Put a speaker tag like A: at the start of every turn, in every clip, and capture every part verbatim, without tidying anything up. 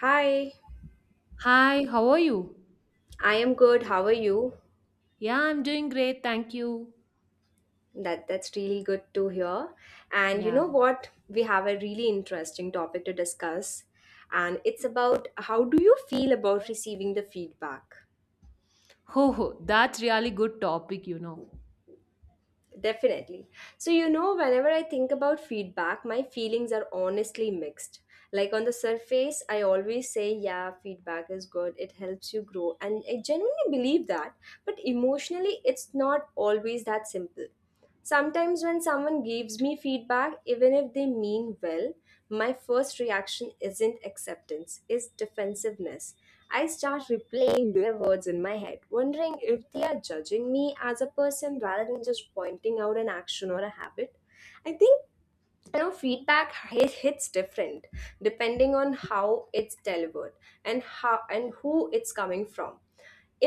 A: Hi,
B: Hi, how are you?
A: I am good. How are you?
B: Yeah, I'm doing great, thank you.
A: That that's really good to hear. And you
B: Yeah.
A: know what? We have a really interesting topic to discuss, and it's about how do you feel about receiving the feedback?
B: Ho ho, that's really good topic, you know.
A: Definitely. So you know, whenever I think about feedback, my feelings are honestly mixed. Like on the surface, I always say, yeah, feedback is good. It helps you grow, and I genuinely believe that. But emotionally, it's not always that simple. Sometimes, when someone gives me feedback, even if they mean well, my first reaction isn't acceptance, it's defensiveness. I start replaying their words in my head, wondering if they are judging me as a person rather than just pointing out an action or a habit. I think you know feedback hi- hits different, depending on how it's delivered, and how and who it's coming from.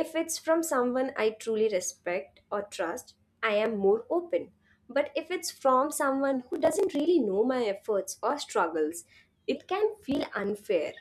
A: If it's from someone I truly respect or trust, I am more open, but if it's from someone who doesn't really know my efforts or struggles, it can feel unfair.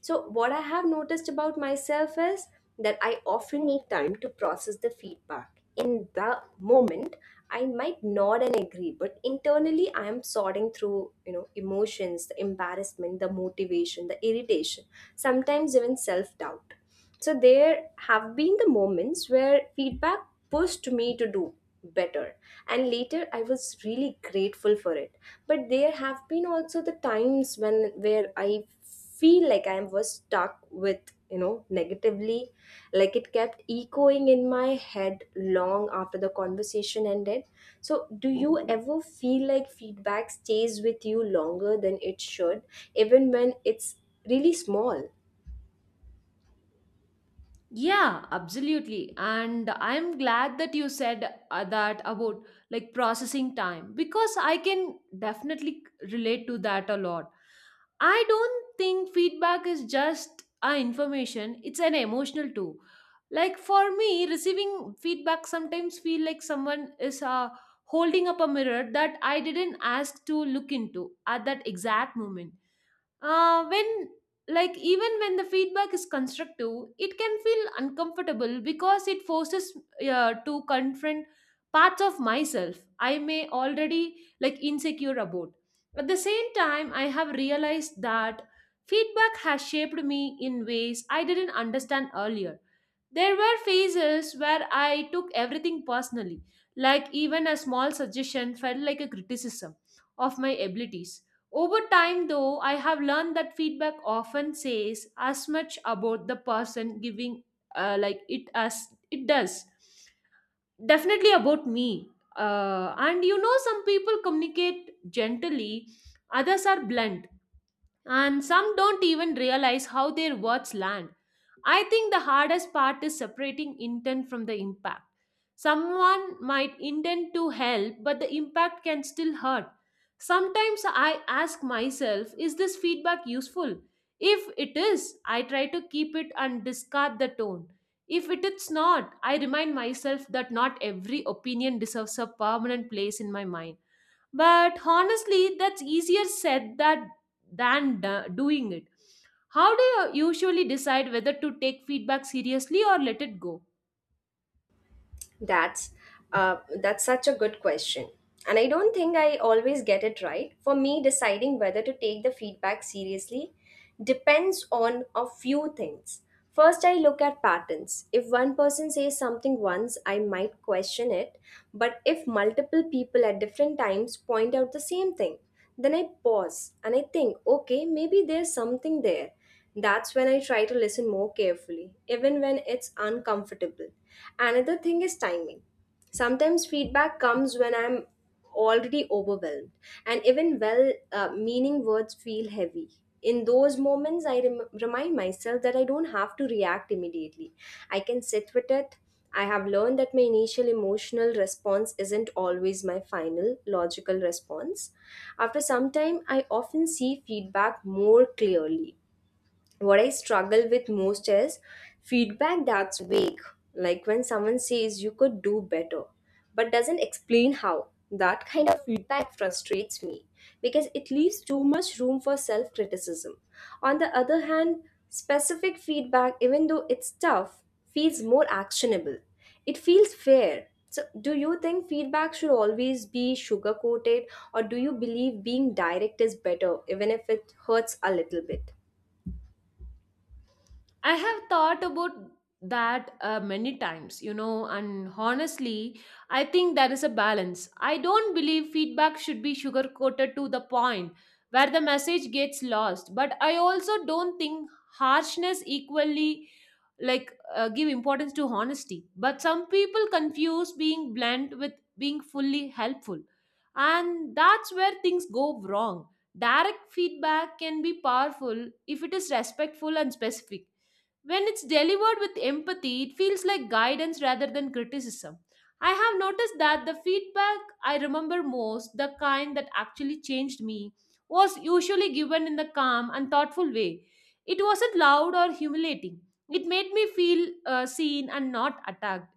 A: So, what I have noticed about myself is that I often need time to process the feedback. In the moment, I might nod and agree, but internally, I am sorting through, you know, emotions, the embarrassment, the motivation, the irritation, sometimes even self-doubt. So there have been the moments where feedback pushed me to do better, and later I was really grateful for it. But there have been also the times when where I feel like I was stuck with, you know, negatively. Like it kept echoing in my head long after the conversation ended. So, do you ever feel like feedback stays with you longer than it should, even when it's really small?
B: Yeah, absolutely. And I'm glad that you said uh, that about like processing time because I can definitely relate to that a lot. I don't think feedback is just a information, it's an emotional too. Like for me, receiving feedback sometimes feel like someone is uh, holding up a mirror that I didn't ask to look into at that exact moment uh, when like even when the feedback is constructive it can feel uncomfortable because it forces uh, to confront parts of myself I may already like insecure about. At the same time I have realized that feedback has shaped me in ways I didn't understand earlier. There were phases where I took everything personally, like even a small suggestion felt like a criticism of my abilities. Over time, though, I have learned that feedback often says as much about the person giving uh, like it as it does. Definitely about me. Uh, and you know, some people communicate gently, others are blunt and some don't even realize how their words land. I think the hardest part is separating intent from the impact. Someone might intend to help, but the impact can still hurt. Sometimes I ask myself, is this feedback useful? If it is, I try to keep it and discard the tone. If it is not, I remind myself that not every opinion deserves a permanent place in my mind. But honestly, that's easier said that than do- doing it. How do you usually decide whether to take feedback seriously or let it go?
A: That's uh, that's such a good question. And I don't think I always get it right. For me, deciding whether to take the feedback seriously depends on a few things. First, I look at patterns. If one person says something once, I might question it. But if multiple people at different times point out the same thing, then I pause and I think, okay, maybe there's something there. That's when I try to listen more carefully, even when it's uncomfortable. Another thing is timing. Sometimes feedback comes when I'm already overwhelmed, and even well uh, meaning words feel heavy. In those moments, I rem- remind myself that I don't have to react immediately. I can sit with it. I have learned that my initial emotional response isn't always my final logical response. After some time, I often see feedback more clearly. What I struggle with most is feedback that's vague. Like when someone says you could do better, but doesn't explain how. That kind of feedback frustrates me because it leaves too much room for self criticism. On the other hand, specific feedback, even though it's tough, feels more actionable. It feels fair. So, do you think feedback should always be sugar coated, or do you believe being direct is better, even if it hurts a little bit?
B: I have thought about that uh, many times, you know, and honestly, I think there is a balance. I don't believe feedback should be sugar coated to the point where the message gets lost, but I also don't think harshness equally like uh, give importance to honesty. But some people confuse being blunt with being fully helpful, and that's where things go wrong. Direct feedback can be powerful if it is respectful and specific. When it's delivered with empathy, it feels like guidance rather than criticism. I have noticed that the feedback I remember most, the kind that actually changed me, was usually given in the calm and thoughtful way. It wasn't loud or humiliating. It made me feel uh, seen and not attacked.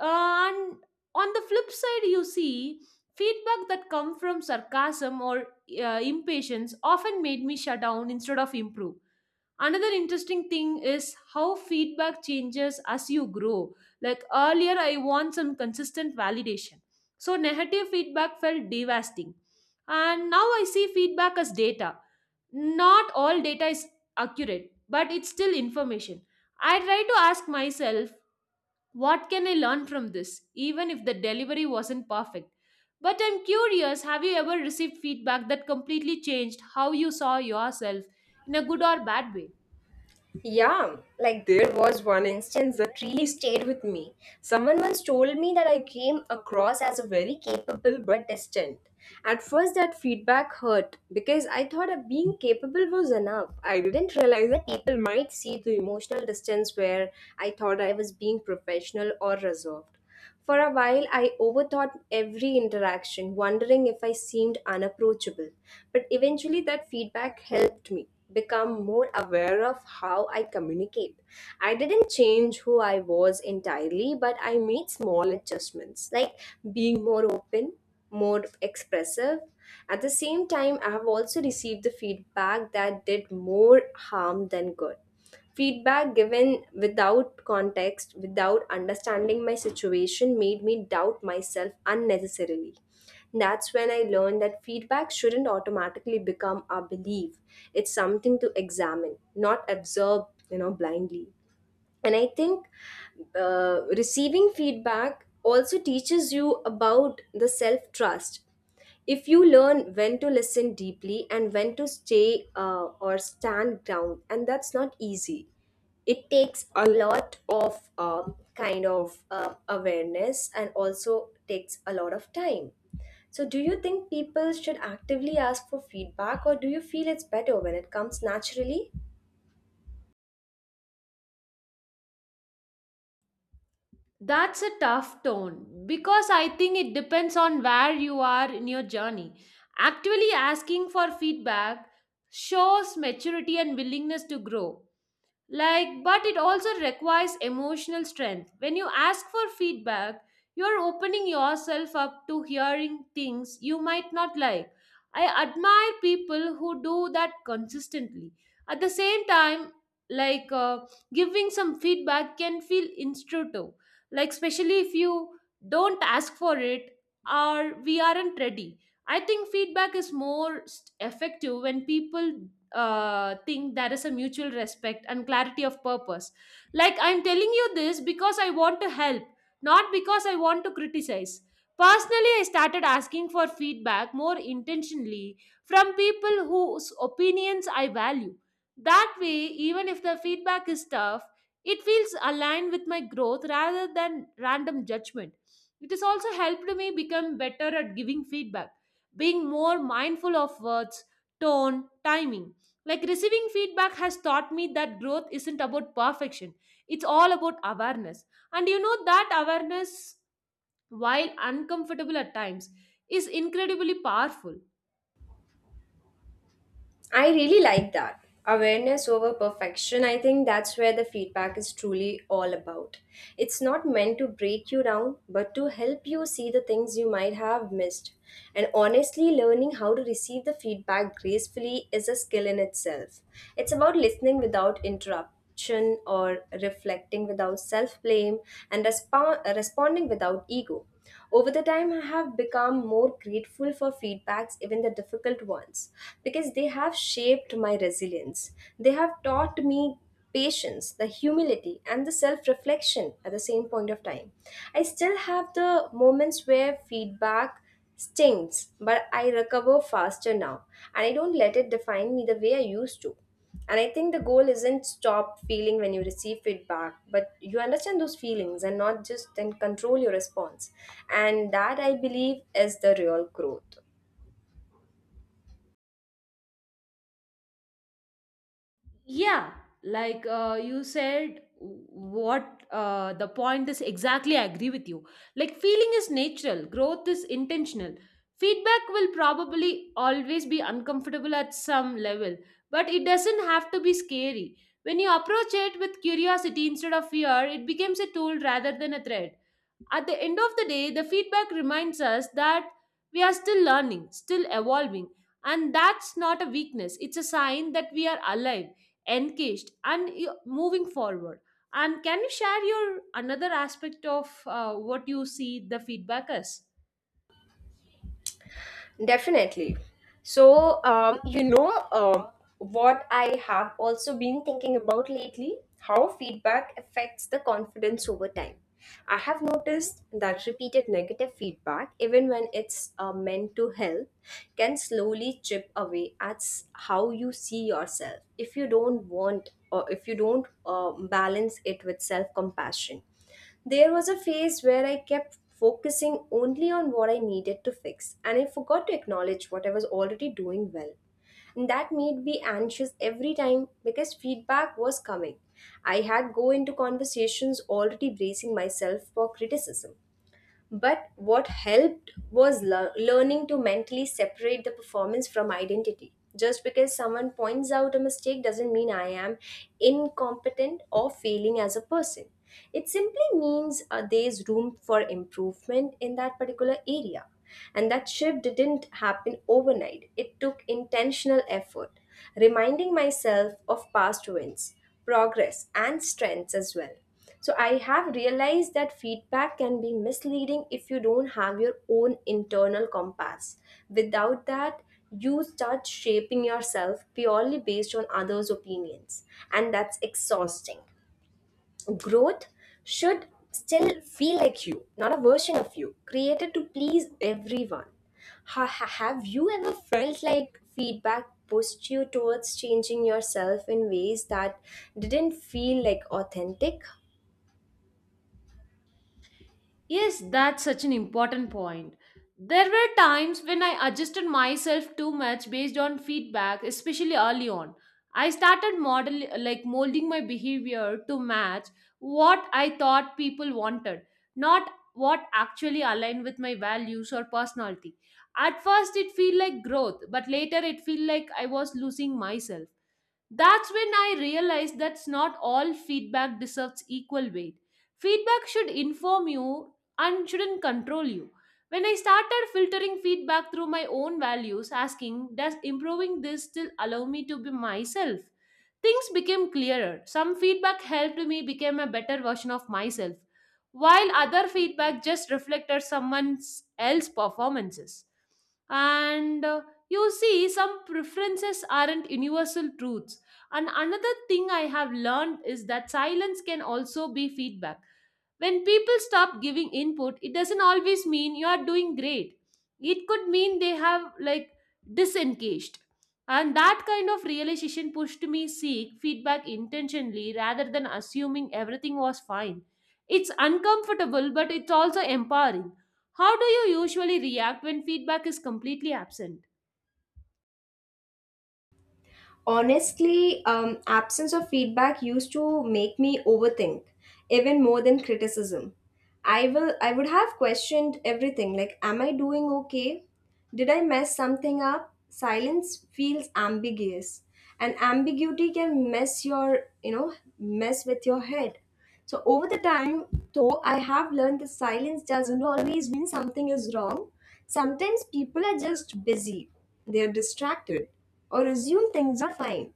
B: Uh, and on the flip side, you see, feedback that come from sarcasm or uh, impatience often made me shut down instead of improve. Another interesting thing is how feedback changes as you grow. Like earlier I want some consistent validation, so negative feedback felt devastating, and now I see feedback as data. Not all data is accurate, but it's still information. I try to ask myself, what can I learn from this even if the delivery wasn't perfect? But I'm curious, have you ever received feedback that completely changed how you saw yourself, in a good or bad way?
A: Yeah, like there was one instance that really stayed with me. Someone once told me that I came across as a very capable but distant. At first, that feedback hurt because I thought that being capable was enough. I didn't realize that people might see the emotional distance where I thought I was being professional or reserved. For a while, I overthought every interaction, wondering if I seemed unapproachable. But eventually, that feedback helped me become more aware of how I communicate. I didn't change who I was entirely, but I made small adjustments, like being more open, more expressive. At the same time, I have also received the feedback that did more harm than good. Feedback given without context, without understanding my situation, made me doubt myself unnecessarily. That's when I learned that feedback shouldn't automatically become a belief. It's something to examine, not absorb, you know, blindly. And I think uh, receiving feedback also teaches you about the self trust. If you learn when to listen deeply and when to stay uh, or stand down, and that's not easy. It takes a lot of uh, kind of uh, awareness, and also takes a lot of time. So do you think people should actively ask for feedback, or do you feel it's better when it comes naturally?
B: That's a tough tone because I think it depends on where you are in your journey. Actually, asking for feedback shows maturity and willingness to grow. Like, but it also requires emotional strength. When you ask for feedback, you're opening yourself up to hearing things you might not like. I admire people who do that consistently. At the same time, like uh, giving some feedback can feel instructive, like, especially if you don't ask for it or we aren't ready. I think feedback is more st- effective when people uh, thing there is a mutual respect and clarity of purpose. Like I'm telling you this because I want to help, not because I want to criticize. Personally, I started asking for feedback more intentionally from people whose opinions I value. That way, even if the feedback is tough, it feels aligned with my growth rather than random judgment. It has also helped me become better at giving feedback, being more mindful of words, tone, timing. Like receiving feedback has taught me that growth isn't about perfection, it's all about awareness. And you know that awareness, while uncomfortable at times, is incredibly powerful.
A: I really like that. Awareness over perfection, I think that's where the feedback is truly all about. It's not meant to break you down, but to help you see the things you might have missed. And honestly, learning how to receive the feedback gracefully is a skill in itself. It's about listening without interrupt action or reflecting without self blame, and respo- uh, responding without ego. Over the time, I have become more grateful for feedbacks, even the difficult ones, because they have shaped my resilience. They have taught me patience, the humility, and the self reflection at the same point of time. I still have the moments where feedback stings, but I recover faster now, and I don't let it define me the way I used to. And I think the goal isn't stop feeling when you receive feedback, but you understand those feelings and not just then control your response, and that I believe is the real growth.
B: Yeah, like uh, you said, what uh, the point is exactly, I agree with you. Like, feeling is natural, growth is intentional. Feedback will probably always be uncomfortable at some level, but it doesn't have to be scary. When you approach it with curiosity instead of fear, it becomes a tool rather than a threat. At the end of the day, the feedback reminds us that we are still learning, still evolving, and that's not a weakness. It's a sign that we are alive, engaged, and y- moving forward. And can you share your another aspect of uh, what you see the feedback as?
A: Definitely. So, um, you know, um, what I have also been thinking about lately, how feedback affects the confidence over time. I have noticed that repeated negative feedback, even when it's uh, meant to help, can slowly chip away at s- how you see yourself if you don't want or if you don't uh, balance it with self compassion. There was a phase where I kept focusing only on what I needed to fix, and I forgot to acknowledge what I was already doing well. And that made me anxious every time because feedback was coming. I had go into conversations already bracing myself for criticism. But what helped was lear- learning to mentally separate the performance from identity. Just because someone points out a mistake doesn't mean I am incompetent or failing as a person. It simply means uh, there's room for improvement in that particular area. And that shift didn't happen overnight, it took intentional effort, reminding myself of past wins, progress, and strengths as well. So I have realized that feedback can be misleading if you don't have your own internal compass. Without that, you start shaping yourself purely based on others' opinions, and that's exhausting. Growth should still feel like you, not a version of you, created to please everyone. Ha- ha- have you ever felt like feedback pushed you towards changing yourself in ways that didn't feel like authentic?
B: Yes, that's such an important point. There were times when I adjusted myself too much based on feedback, especially early on. I started model like molding my behavior to match what I thought people wanted, not what actually aligned with my values or personality. At first it felt like growth, but later it felt like I was losing myself. That's when I realized that's not all feedback deserves equal weight. Feedback should inform you and shouldn't control you. When I started filtering feedback through my own values, asking, does improving this still allow me to be myself? Things became clearer. Some feedback helped me become a better version of myself, while other feedback just reflected someone else's performances. And uh, You see, some preferences aren't universal truths. And another thing I have learned is that silence can also be feedback. When people stop giving input, it doesn't always mean you are doing great. It could mean they have like disengaged. And that kind of realization pushed me seek feedback intentionally rather than assuming everything was fine. It's uncomfortable but it's also empowering. How do you usually react when feedback is completely absent?
A: Honestly, um, absence of feedback used to make me overthink even more than criticism. I will I would have questioned everything like, am I doing okay? Did I mess something up? Silence feels ambiguous, and ambiguity can mess your, you know, mess with your head. So over the time, though, I have learned that silence doesn't always mean something is wrong. Sometimes people are just busy, they are distracted, or assume things are fine.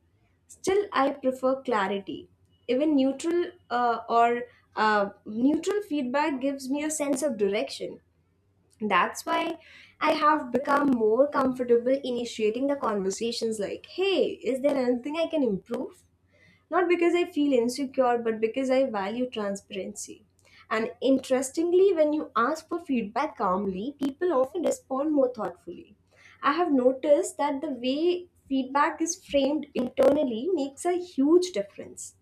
A: Still, I prefer clarity. Even neutral uh, or uh, neutral feedback gives me a sense of direction. That's why I have become more comfortable initiating the conversations like, hey, is there anything I can improve? Not because I feel insecure, but because I value transparency. And interestingly, when you ask for feedback calmly, people often respond more thoughtfully. I have noticed that the way feedback is framed internally makes a huge difference.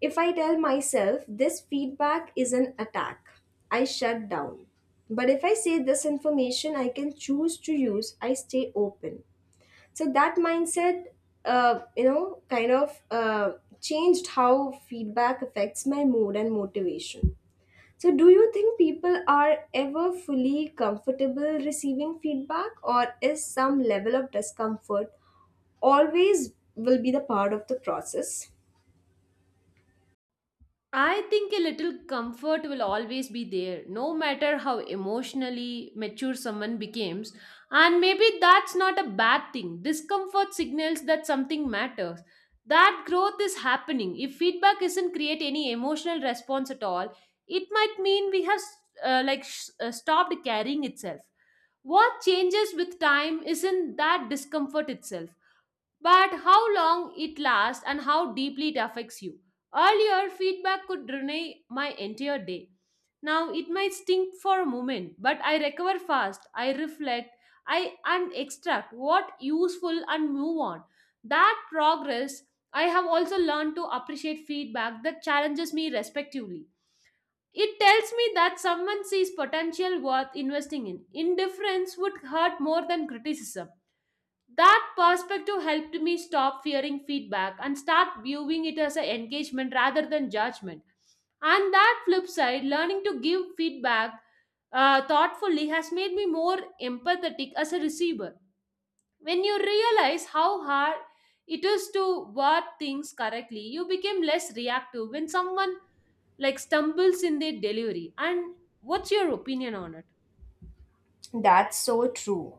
A: If I tell myself this feedback is an attack, I shut down. But if I say this information I can choose to use, I stay open. So that mindset uh, you know kind of uh, changed how feedback affects my mood and motivation. So do you think people are ever fully comfortable receiving feedback, or is some level of discomfort always will be the part of the process?
B: I think a little comfort will always be there, no matter how emotionally mature someone becomes. And maybe that's not a bad thing. Discomfort signals that something matters. That growth is happening. If feedback isn't create any emotional response at all, it might mean we have uh, like sh- uh, stopped carrying itself. What changes with time isn't that discomfort itself but how long it lasts and how deeply it affects you. Earlier, feedback could drain my entire day. Now it might sting for a moment, but I recover fast, I reflect, I and extract what useful and move on. That progress. I have also learned to appreciate feedback that challenges me respectively. It tells me that someone sees potential worth investing in. Indifference would hurt more than criticism. That perspective helped me stop fearing feedback and start viewing it as an engagement rather than judgment. And that flip side, learning to give feedback uh, thoughtfully has made me more empathetic as a receiver. When you realize how hard it is to word things correctly, you become less reactive when someone like stumbles in their delivery. And what's your opinion on it?
A: That's so true.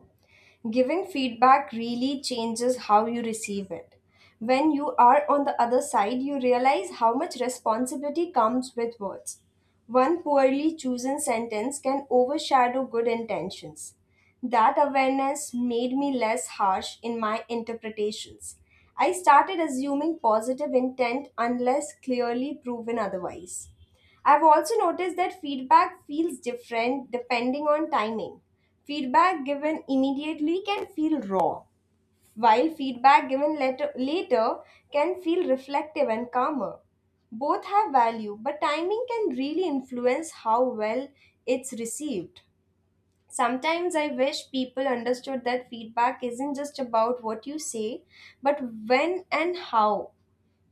A: Giving feedback really changes how you receive it. When you are on the other side, you realize how much responsibility comes with words. One poorly chosen sentence can overshadow good intentions. That awareness made me less harsh in my interpretations. I started assuming positive intent unless clearly proven otherwise. I've also noticed that feedback feels different depending on timing. Feedback given immediately can feel raw, while feedback given later, later can feel reflective and calmer. Both have value, but timing can really influence how well it's received. Sometimes I wish people understood that feedback isn't just about what you say, but when and how.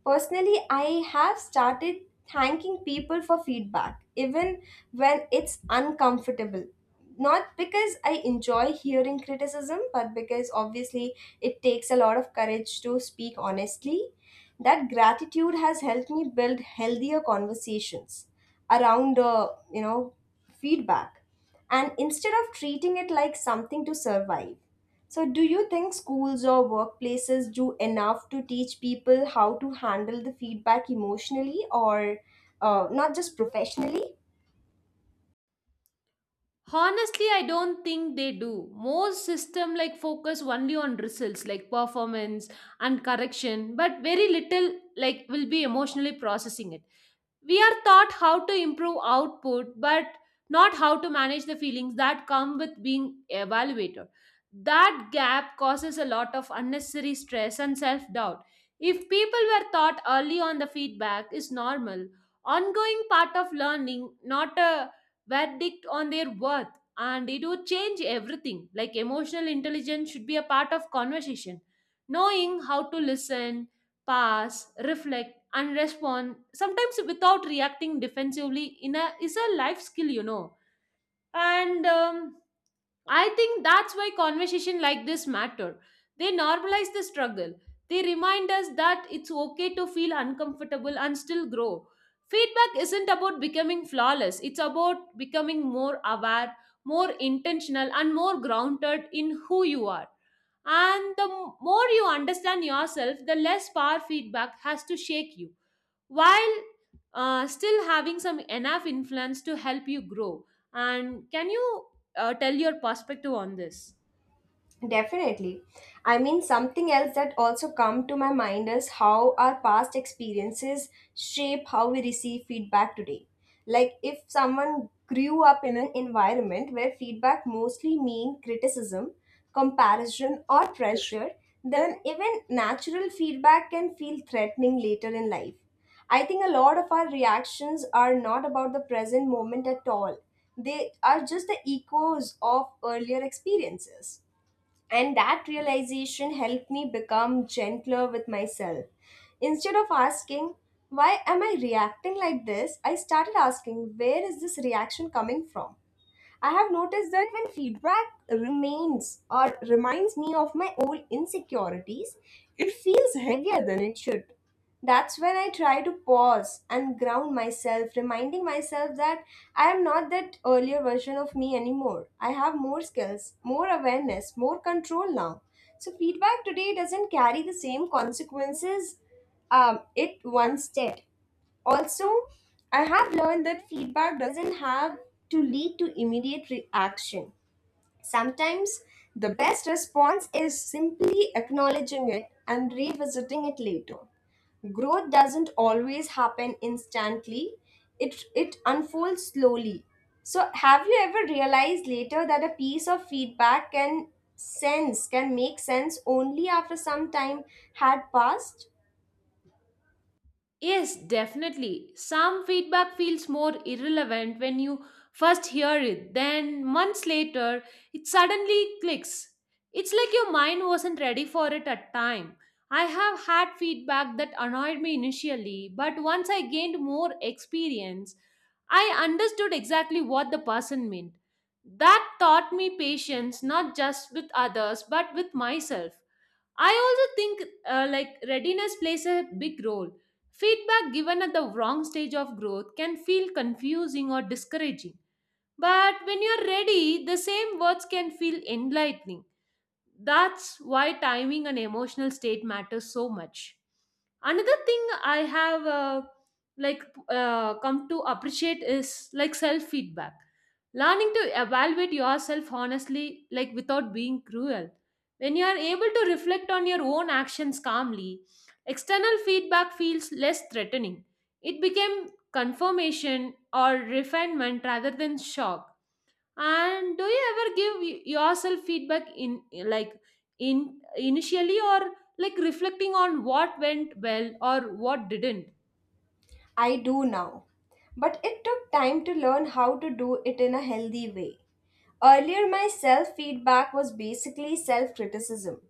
A: Personally, I have started thanking people for feedback, even when it's uncomfortable. Not because I enjoy hearing criticism, but because obviously it takes a lot of courage to speak honestly. That gratitude has helped me build healthier conversations around, uh, you know, feedback, and instead of treating it like something to survive. So, do you think schools or workplaces do enough to teach people how to handle the feedback emotionally or uh, not just professionally?
B: Honestly, I don't think they do. Most system like focus only on results like performance and correction, but very little like will be emotionally processing it. We are taught how to improve output, but not how to manage the feelings that come with being evaluator. That gap causes a lot of unnecessary stress and self doubt. If people were taught early on the feedback is normal, ongoing part of learning, not a verdict on their worth, and it would change everything. Like emotional intelligence should be a part of conversation. Knowing how to listen, pass, reflect, and respond sometimes without reacting defensively in a is a life skill, you know. And um, i think that's why conversation like this matter. They normalize the struggle. They remind us that it's okay to feel uncomfortable and still grow. Feedback isn't about becoming flawless, it's about becoming more aware, more intentional and more grounded in who you are. And the more you understand yourself the less power feedback has to shake you, while uh, still having some enough influence to help you grow. And can you uh, tell your perspective on this?
A: Definitely. I mean, something else that also come to my mind is how our past experiences shape how we receive feedback today. Like if someone grew up in an environment where feedback mostly mean criticism, comparison or pressure, then even natural feedback can feel threatening later in life. I think a lot of our reactions are not about the present moment at all. They are just the echoes of earlier experiences and that realization helped me become gentler with myself. Instead of asking, why am I reacting like this? I started asking, where is this reaction coming from? I have noticed that when feedback remains or reminds me of my old insecurities, it feels heavier than it should. That's when I try to pause and ground myself, reminding myself that I am not that earlier version of me anymore. I have more skills, more awareness, more control now. So, feedback today doesn't carry the same consequences um, it once did. Also, I have learned that feedback doesn't have to lead to immediate reaction. Sometimes the best response is simply acknowledging it and revisiting it later. Growth doesn't always happen instantly, it, it unfolds slowly. So, have you ever realized later that a piece of feedback can sense, can make sense only after some time had passed?
B: Yes, definitely. Some feedback feels more irrelevant when you first hear it, then months later, it suddenly clicks. It's like your mind wasn't ready for it at time. I have had feedback that annoyed me initially, but once I gained more experience, I understood exactly what the person meant. That taught me patience not just with others but with myself. I also think uh, like readiness plays a big role. Feedback given at the wrong stage of growth can feel confusing or discouraging. But when you're ready, the same words can feel enlightening. That's why timing and emotional state matters so much. Another thing I have uh, like uh, come to appreciate is like self feedback. Learning to evaluate yourself honestly, like without being cruel. When you are able to reflect on your own actions calmly, external feedback feels less threatening. It became confirmation or refinement rather than shock. And do you ever give y- yourself feedback in like in initially or like reflecting on what went well or what didn't?
A: I do now. But it took time to learn how to do it in a healthy way. Earlier, my self feedback was basically self criticism.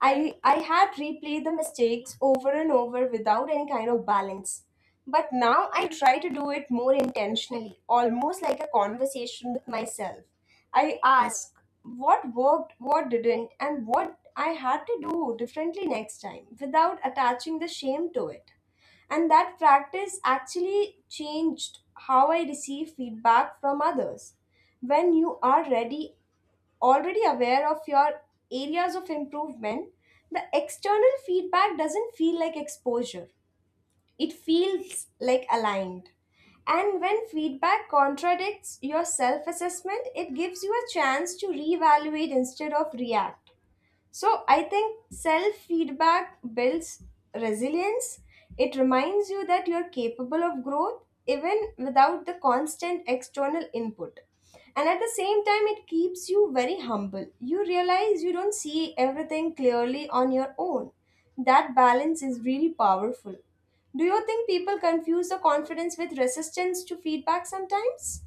A: I, I had replayed the mistakes over and over without any kind of balance. But now I try to do it more intentionally, almost like a conversation with myself. I ask what worked, what didn't, and what I had to do differently next time without attaching the shame to it. And that practice actually changed how I receive feedback from others. When you are ready, already aware of your areas of improvement, the external feedback doesn't feel like exposure, it feels like aligned. And when feedback contradicts your self assessment, it gives you a chance to reevaluate instead of react. So I think self feedback builds resilience. It reminds you that you're capable of growth even without the constant external input. And at the same time, it keeps you very humble. You realize you don't see everything clearly on your own. That balance is really powerful. Do you think people confuse the confidence with resistance to feedback sometimes?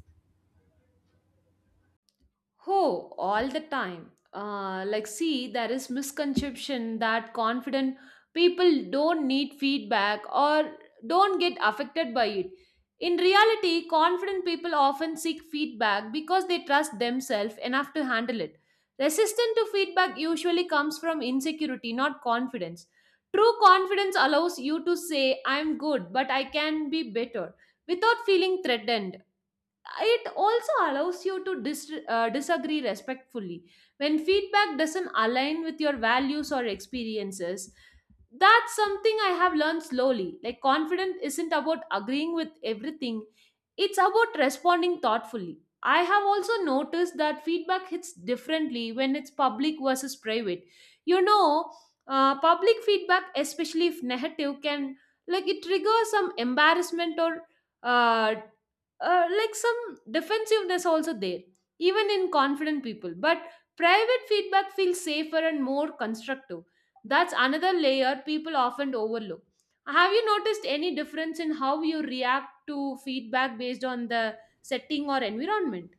B: Oh, all the time. Uh, like, see, there is misconception that confident people don't need feedback or don't get affected by it. In reality, confident people often seek feedback because they trust themselves enough to handle it. Resistance to feedback usually comes from insecurity, not confidence. True confidence allows you to say, I'm good, but I can be better, without feeling threatened. It also allows you to dis- uh, disagree respectfully when feedback doesn't align with your values or experiences. That's something I have learned slowly. Like confidence isn't about agreeing with everything, it's about responding thoughtfully. I have also noticed that feedback hits differently when it's public versus private, you know. Uh, public feedback, especially if negative, can like it triggers some embarrassment or uh, uh, like some defensiveness also there, even in confident people. But private feedback feels safer and more constructive. That's another layer people often overlook. Have you noticed any difference in how you react to feedback based on the setting or environment?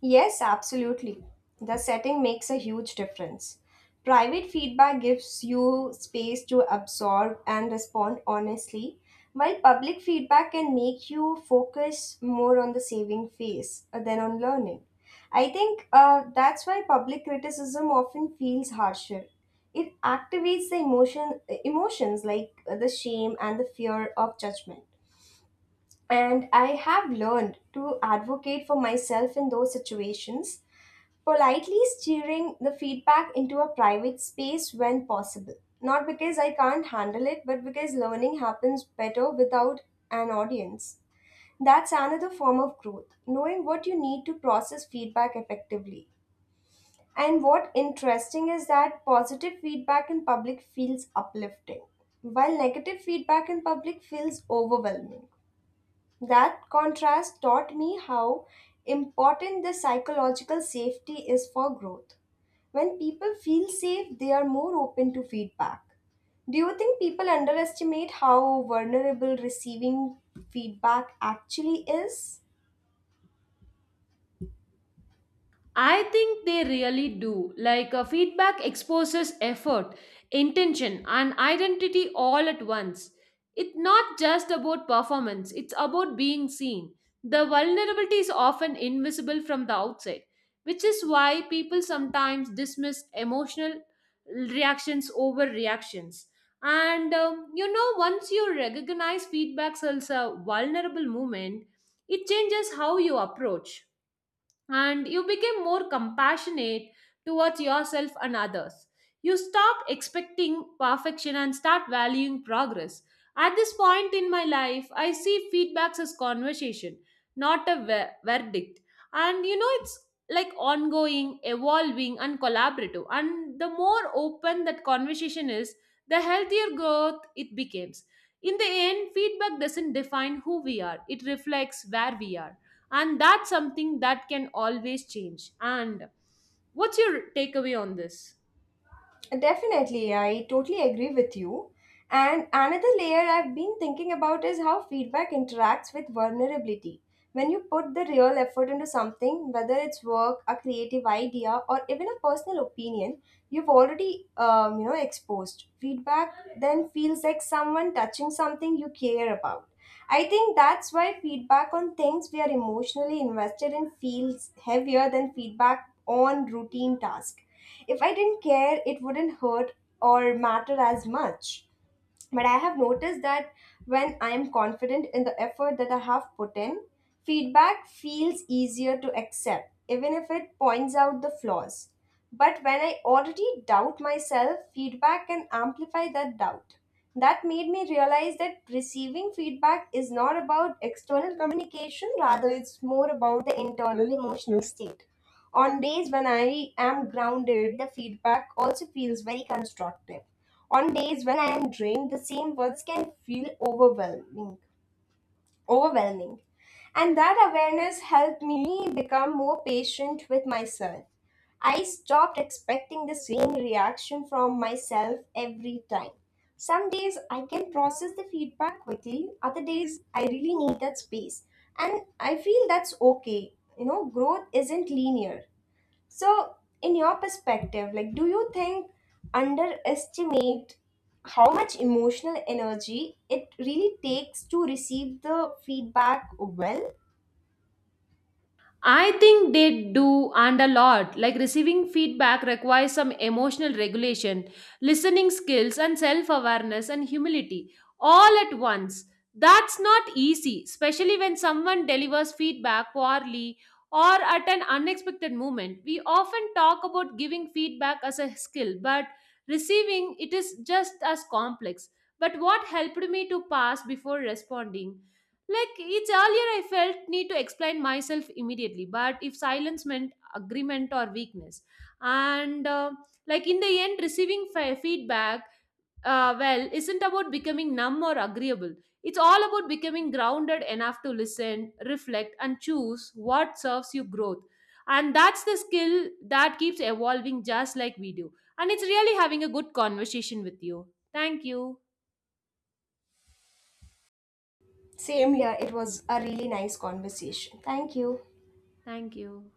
A: Yes, absolutely. The setting makes a huge difference. Private feedback gives you space to absorb and respond honestly, while public feedback can make you focus more on the saving phase uh, than on learning. I think uh, that's why public criticism often feels harsher. It activates the emotion, emotions like uh, the shame and the fear of judgment. And I have learned to advocate for myself in those situations, politely steering the feedback into a private space when possible. Not because I can't handle it, but because learning happens better without an audience. That's another form of growth, knowing what you need to process feedback effectively. And what interesting is that positive feedback in public feels uplifting, while negative feedback in public feels overwhelming. That contrast taught me how important the psychological safety is for growth. When people feel safe, they are more open to feedback. Do you think people underestimate how vulnerable receiving feedback actually is?
B: I think they really do. Like a feedback exposes effort, intention, and identity all at once. It's not just about performance, it's about being seen. The vulnerability is often invisible from the outside, which is why people sometimes dismiss emotional reactions over reactions. And um, You know, once you recognize feedback as a vulnerable moment, it changes how you approach and you became more compassionate towards yourself and others. You stop expecting perfection and start valuing progress. At this point in my life, I see feedbacks as conversation, not a ver- verdict. And you know, it's like ongoing, evolving, and collaborative. And the more open that conversation is, the healthier growth it becomes. In the end, feedback doesn't define who we are, it reflects where we are, and that's something that can always change. And what's your takeaway on this?
A: Definitely, I totally agree with you. And another layer I've been thinking about is how feedback interacts with vulnerability. When you put the real effort into something, whether it's work, a creative idea, or even a personal opinion, you've already um, you know exposed. Feedback then feels like someone touching something you care about. I think that's why feedback on things we are emotionally invested in feels heavier than feedback on routine tasks. If I didn't care, it wouldn't hurt or matter as much. But I have noticed that when I am confident in the effort that I have put in, feedback feels easier to accept, even if it points out the flaws. But when I already doubt myself, feedback can amplify that doubt. That made me realize that receiving feedback is not about external communication, rather, it's more about the internal emotional state. On days when I am grounded, the feedback also feels very constructive. On days when I am drained, the same words can feel overwhelming. Overwhelming. And that awareness helped me become more patient with myself. I stopped expecting the same reaction from myself every time. Some days I can process the feedback quickly, other days I really need that space. And I feel that's okay. You know, growth isn't linear. So, in your perspective, like, do you think underestimate how much emotional energy it really takes to receive the feedback well?
B: I think they do and a lot. Like receiving feedback requires some emotional regulation, listening skills, and self awareness and humility all at once. That's not easy, especially when someone delivers feedback poorly or at an unexpected moment. We often talk about giving feedback as a skill, but receiving it is just as complex. But what helped me to pass before responding? Like it's earlier, I felt need to explain myself immediately, but if silence meant agreement or weakness, and uh, like in the end, receiving fe- feedback, uh, well, isn't about becoming numb or agreeable. It's all about becoming grounded enough to listen, reflect, and choose what serves you growth. And that's the skill that keeps evolving just like we do. And it's really having a good conversation with you. Thank you.
A: Same here. It was a really nice conversation. Thank you.
B: Thank you.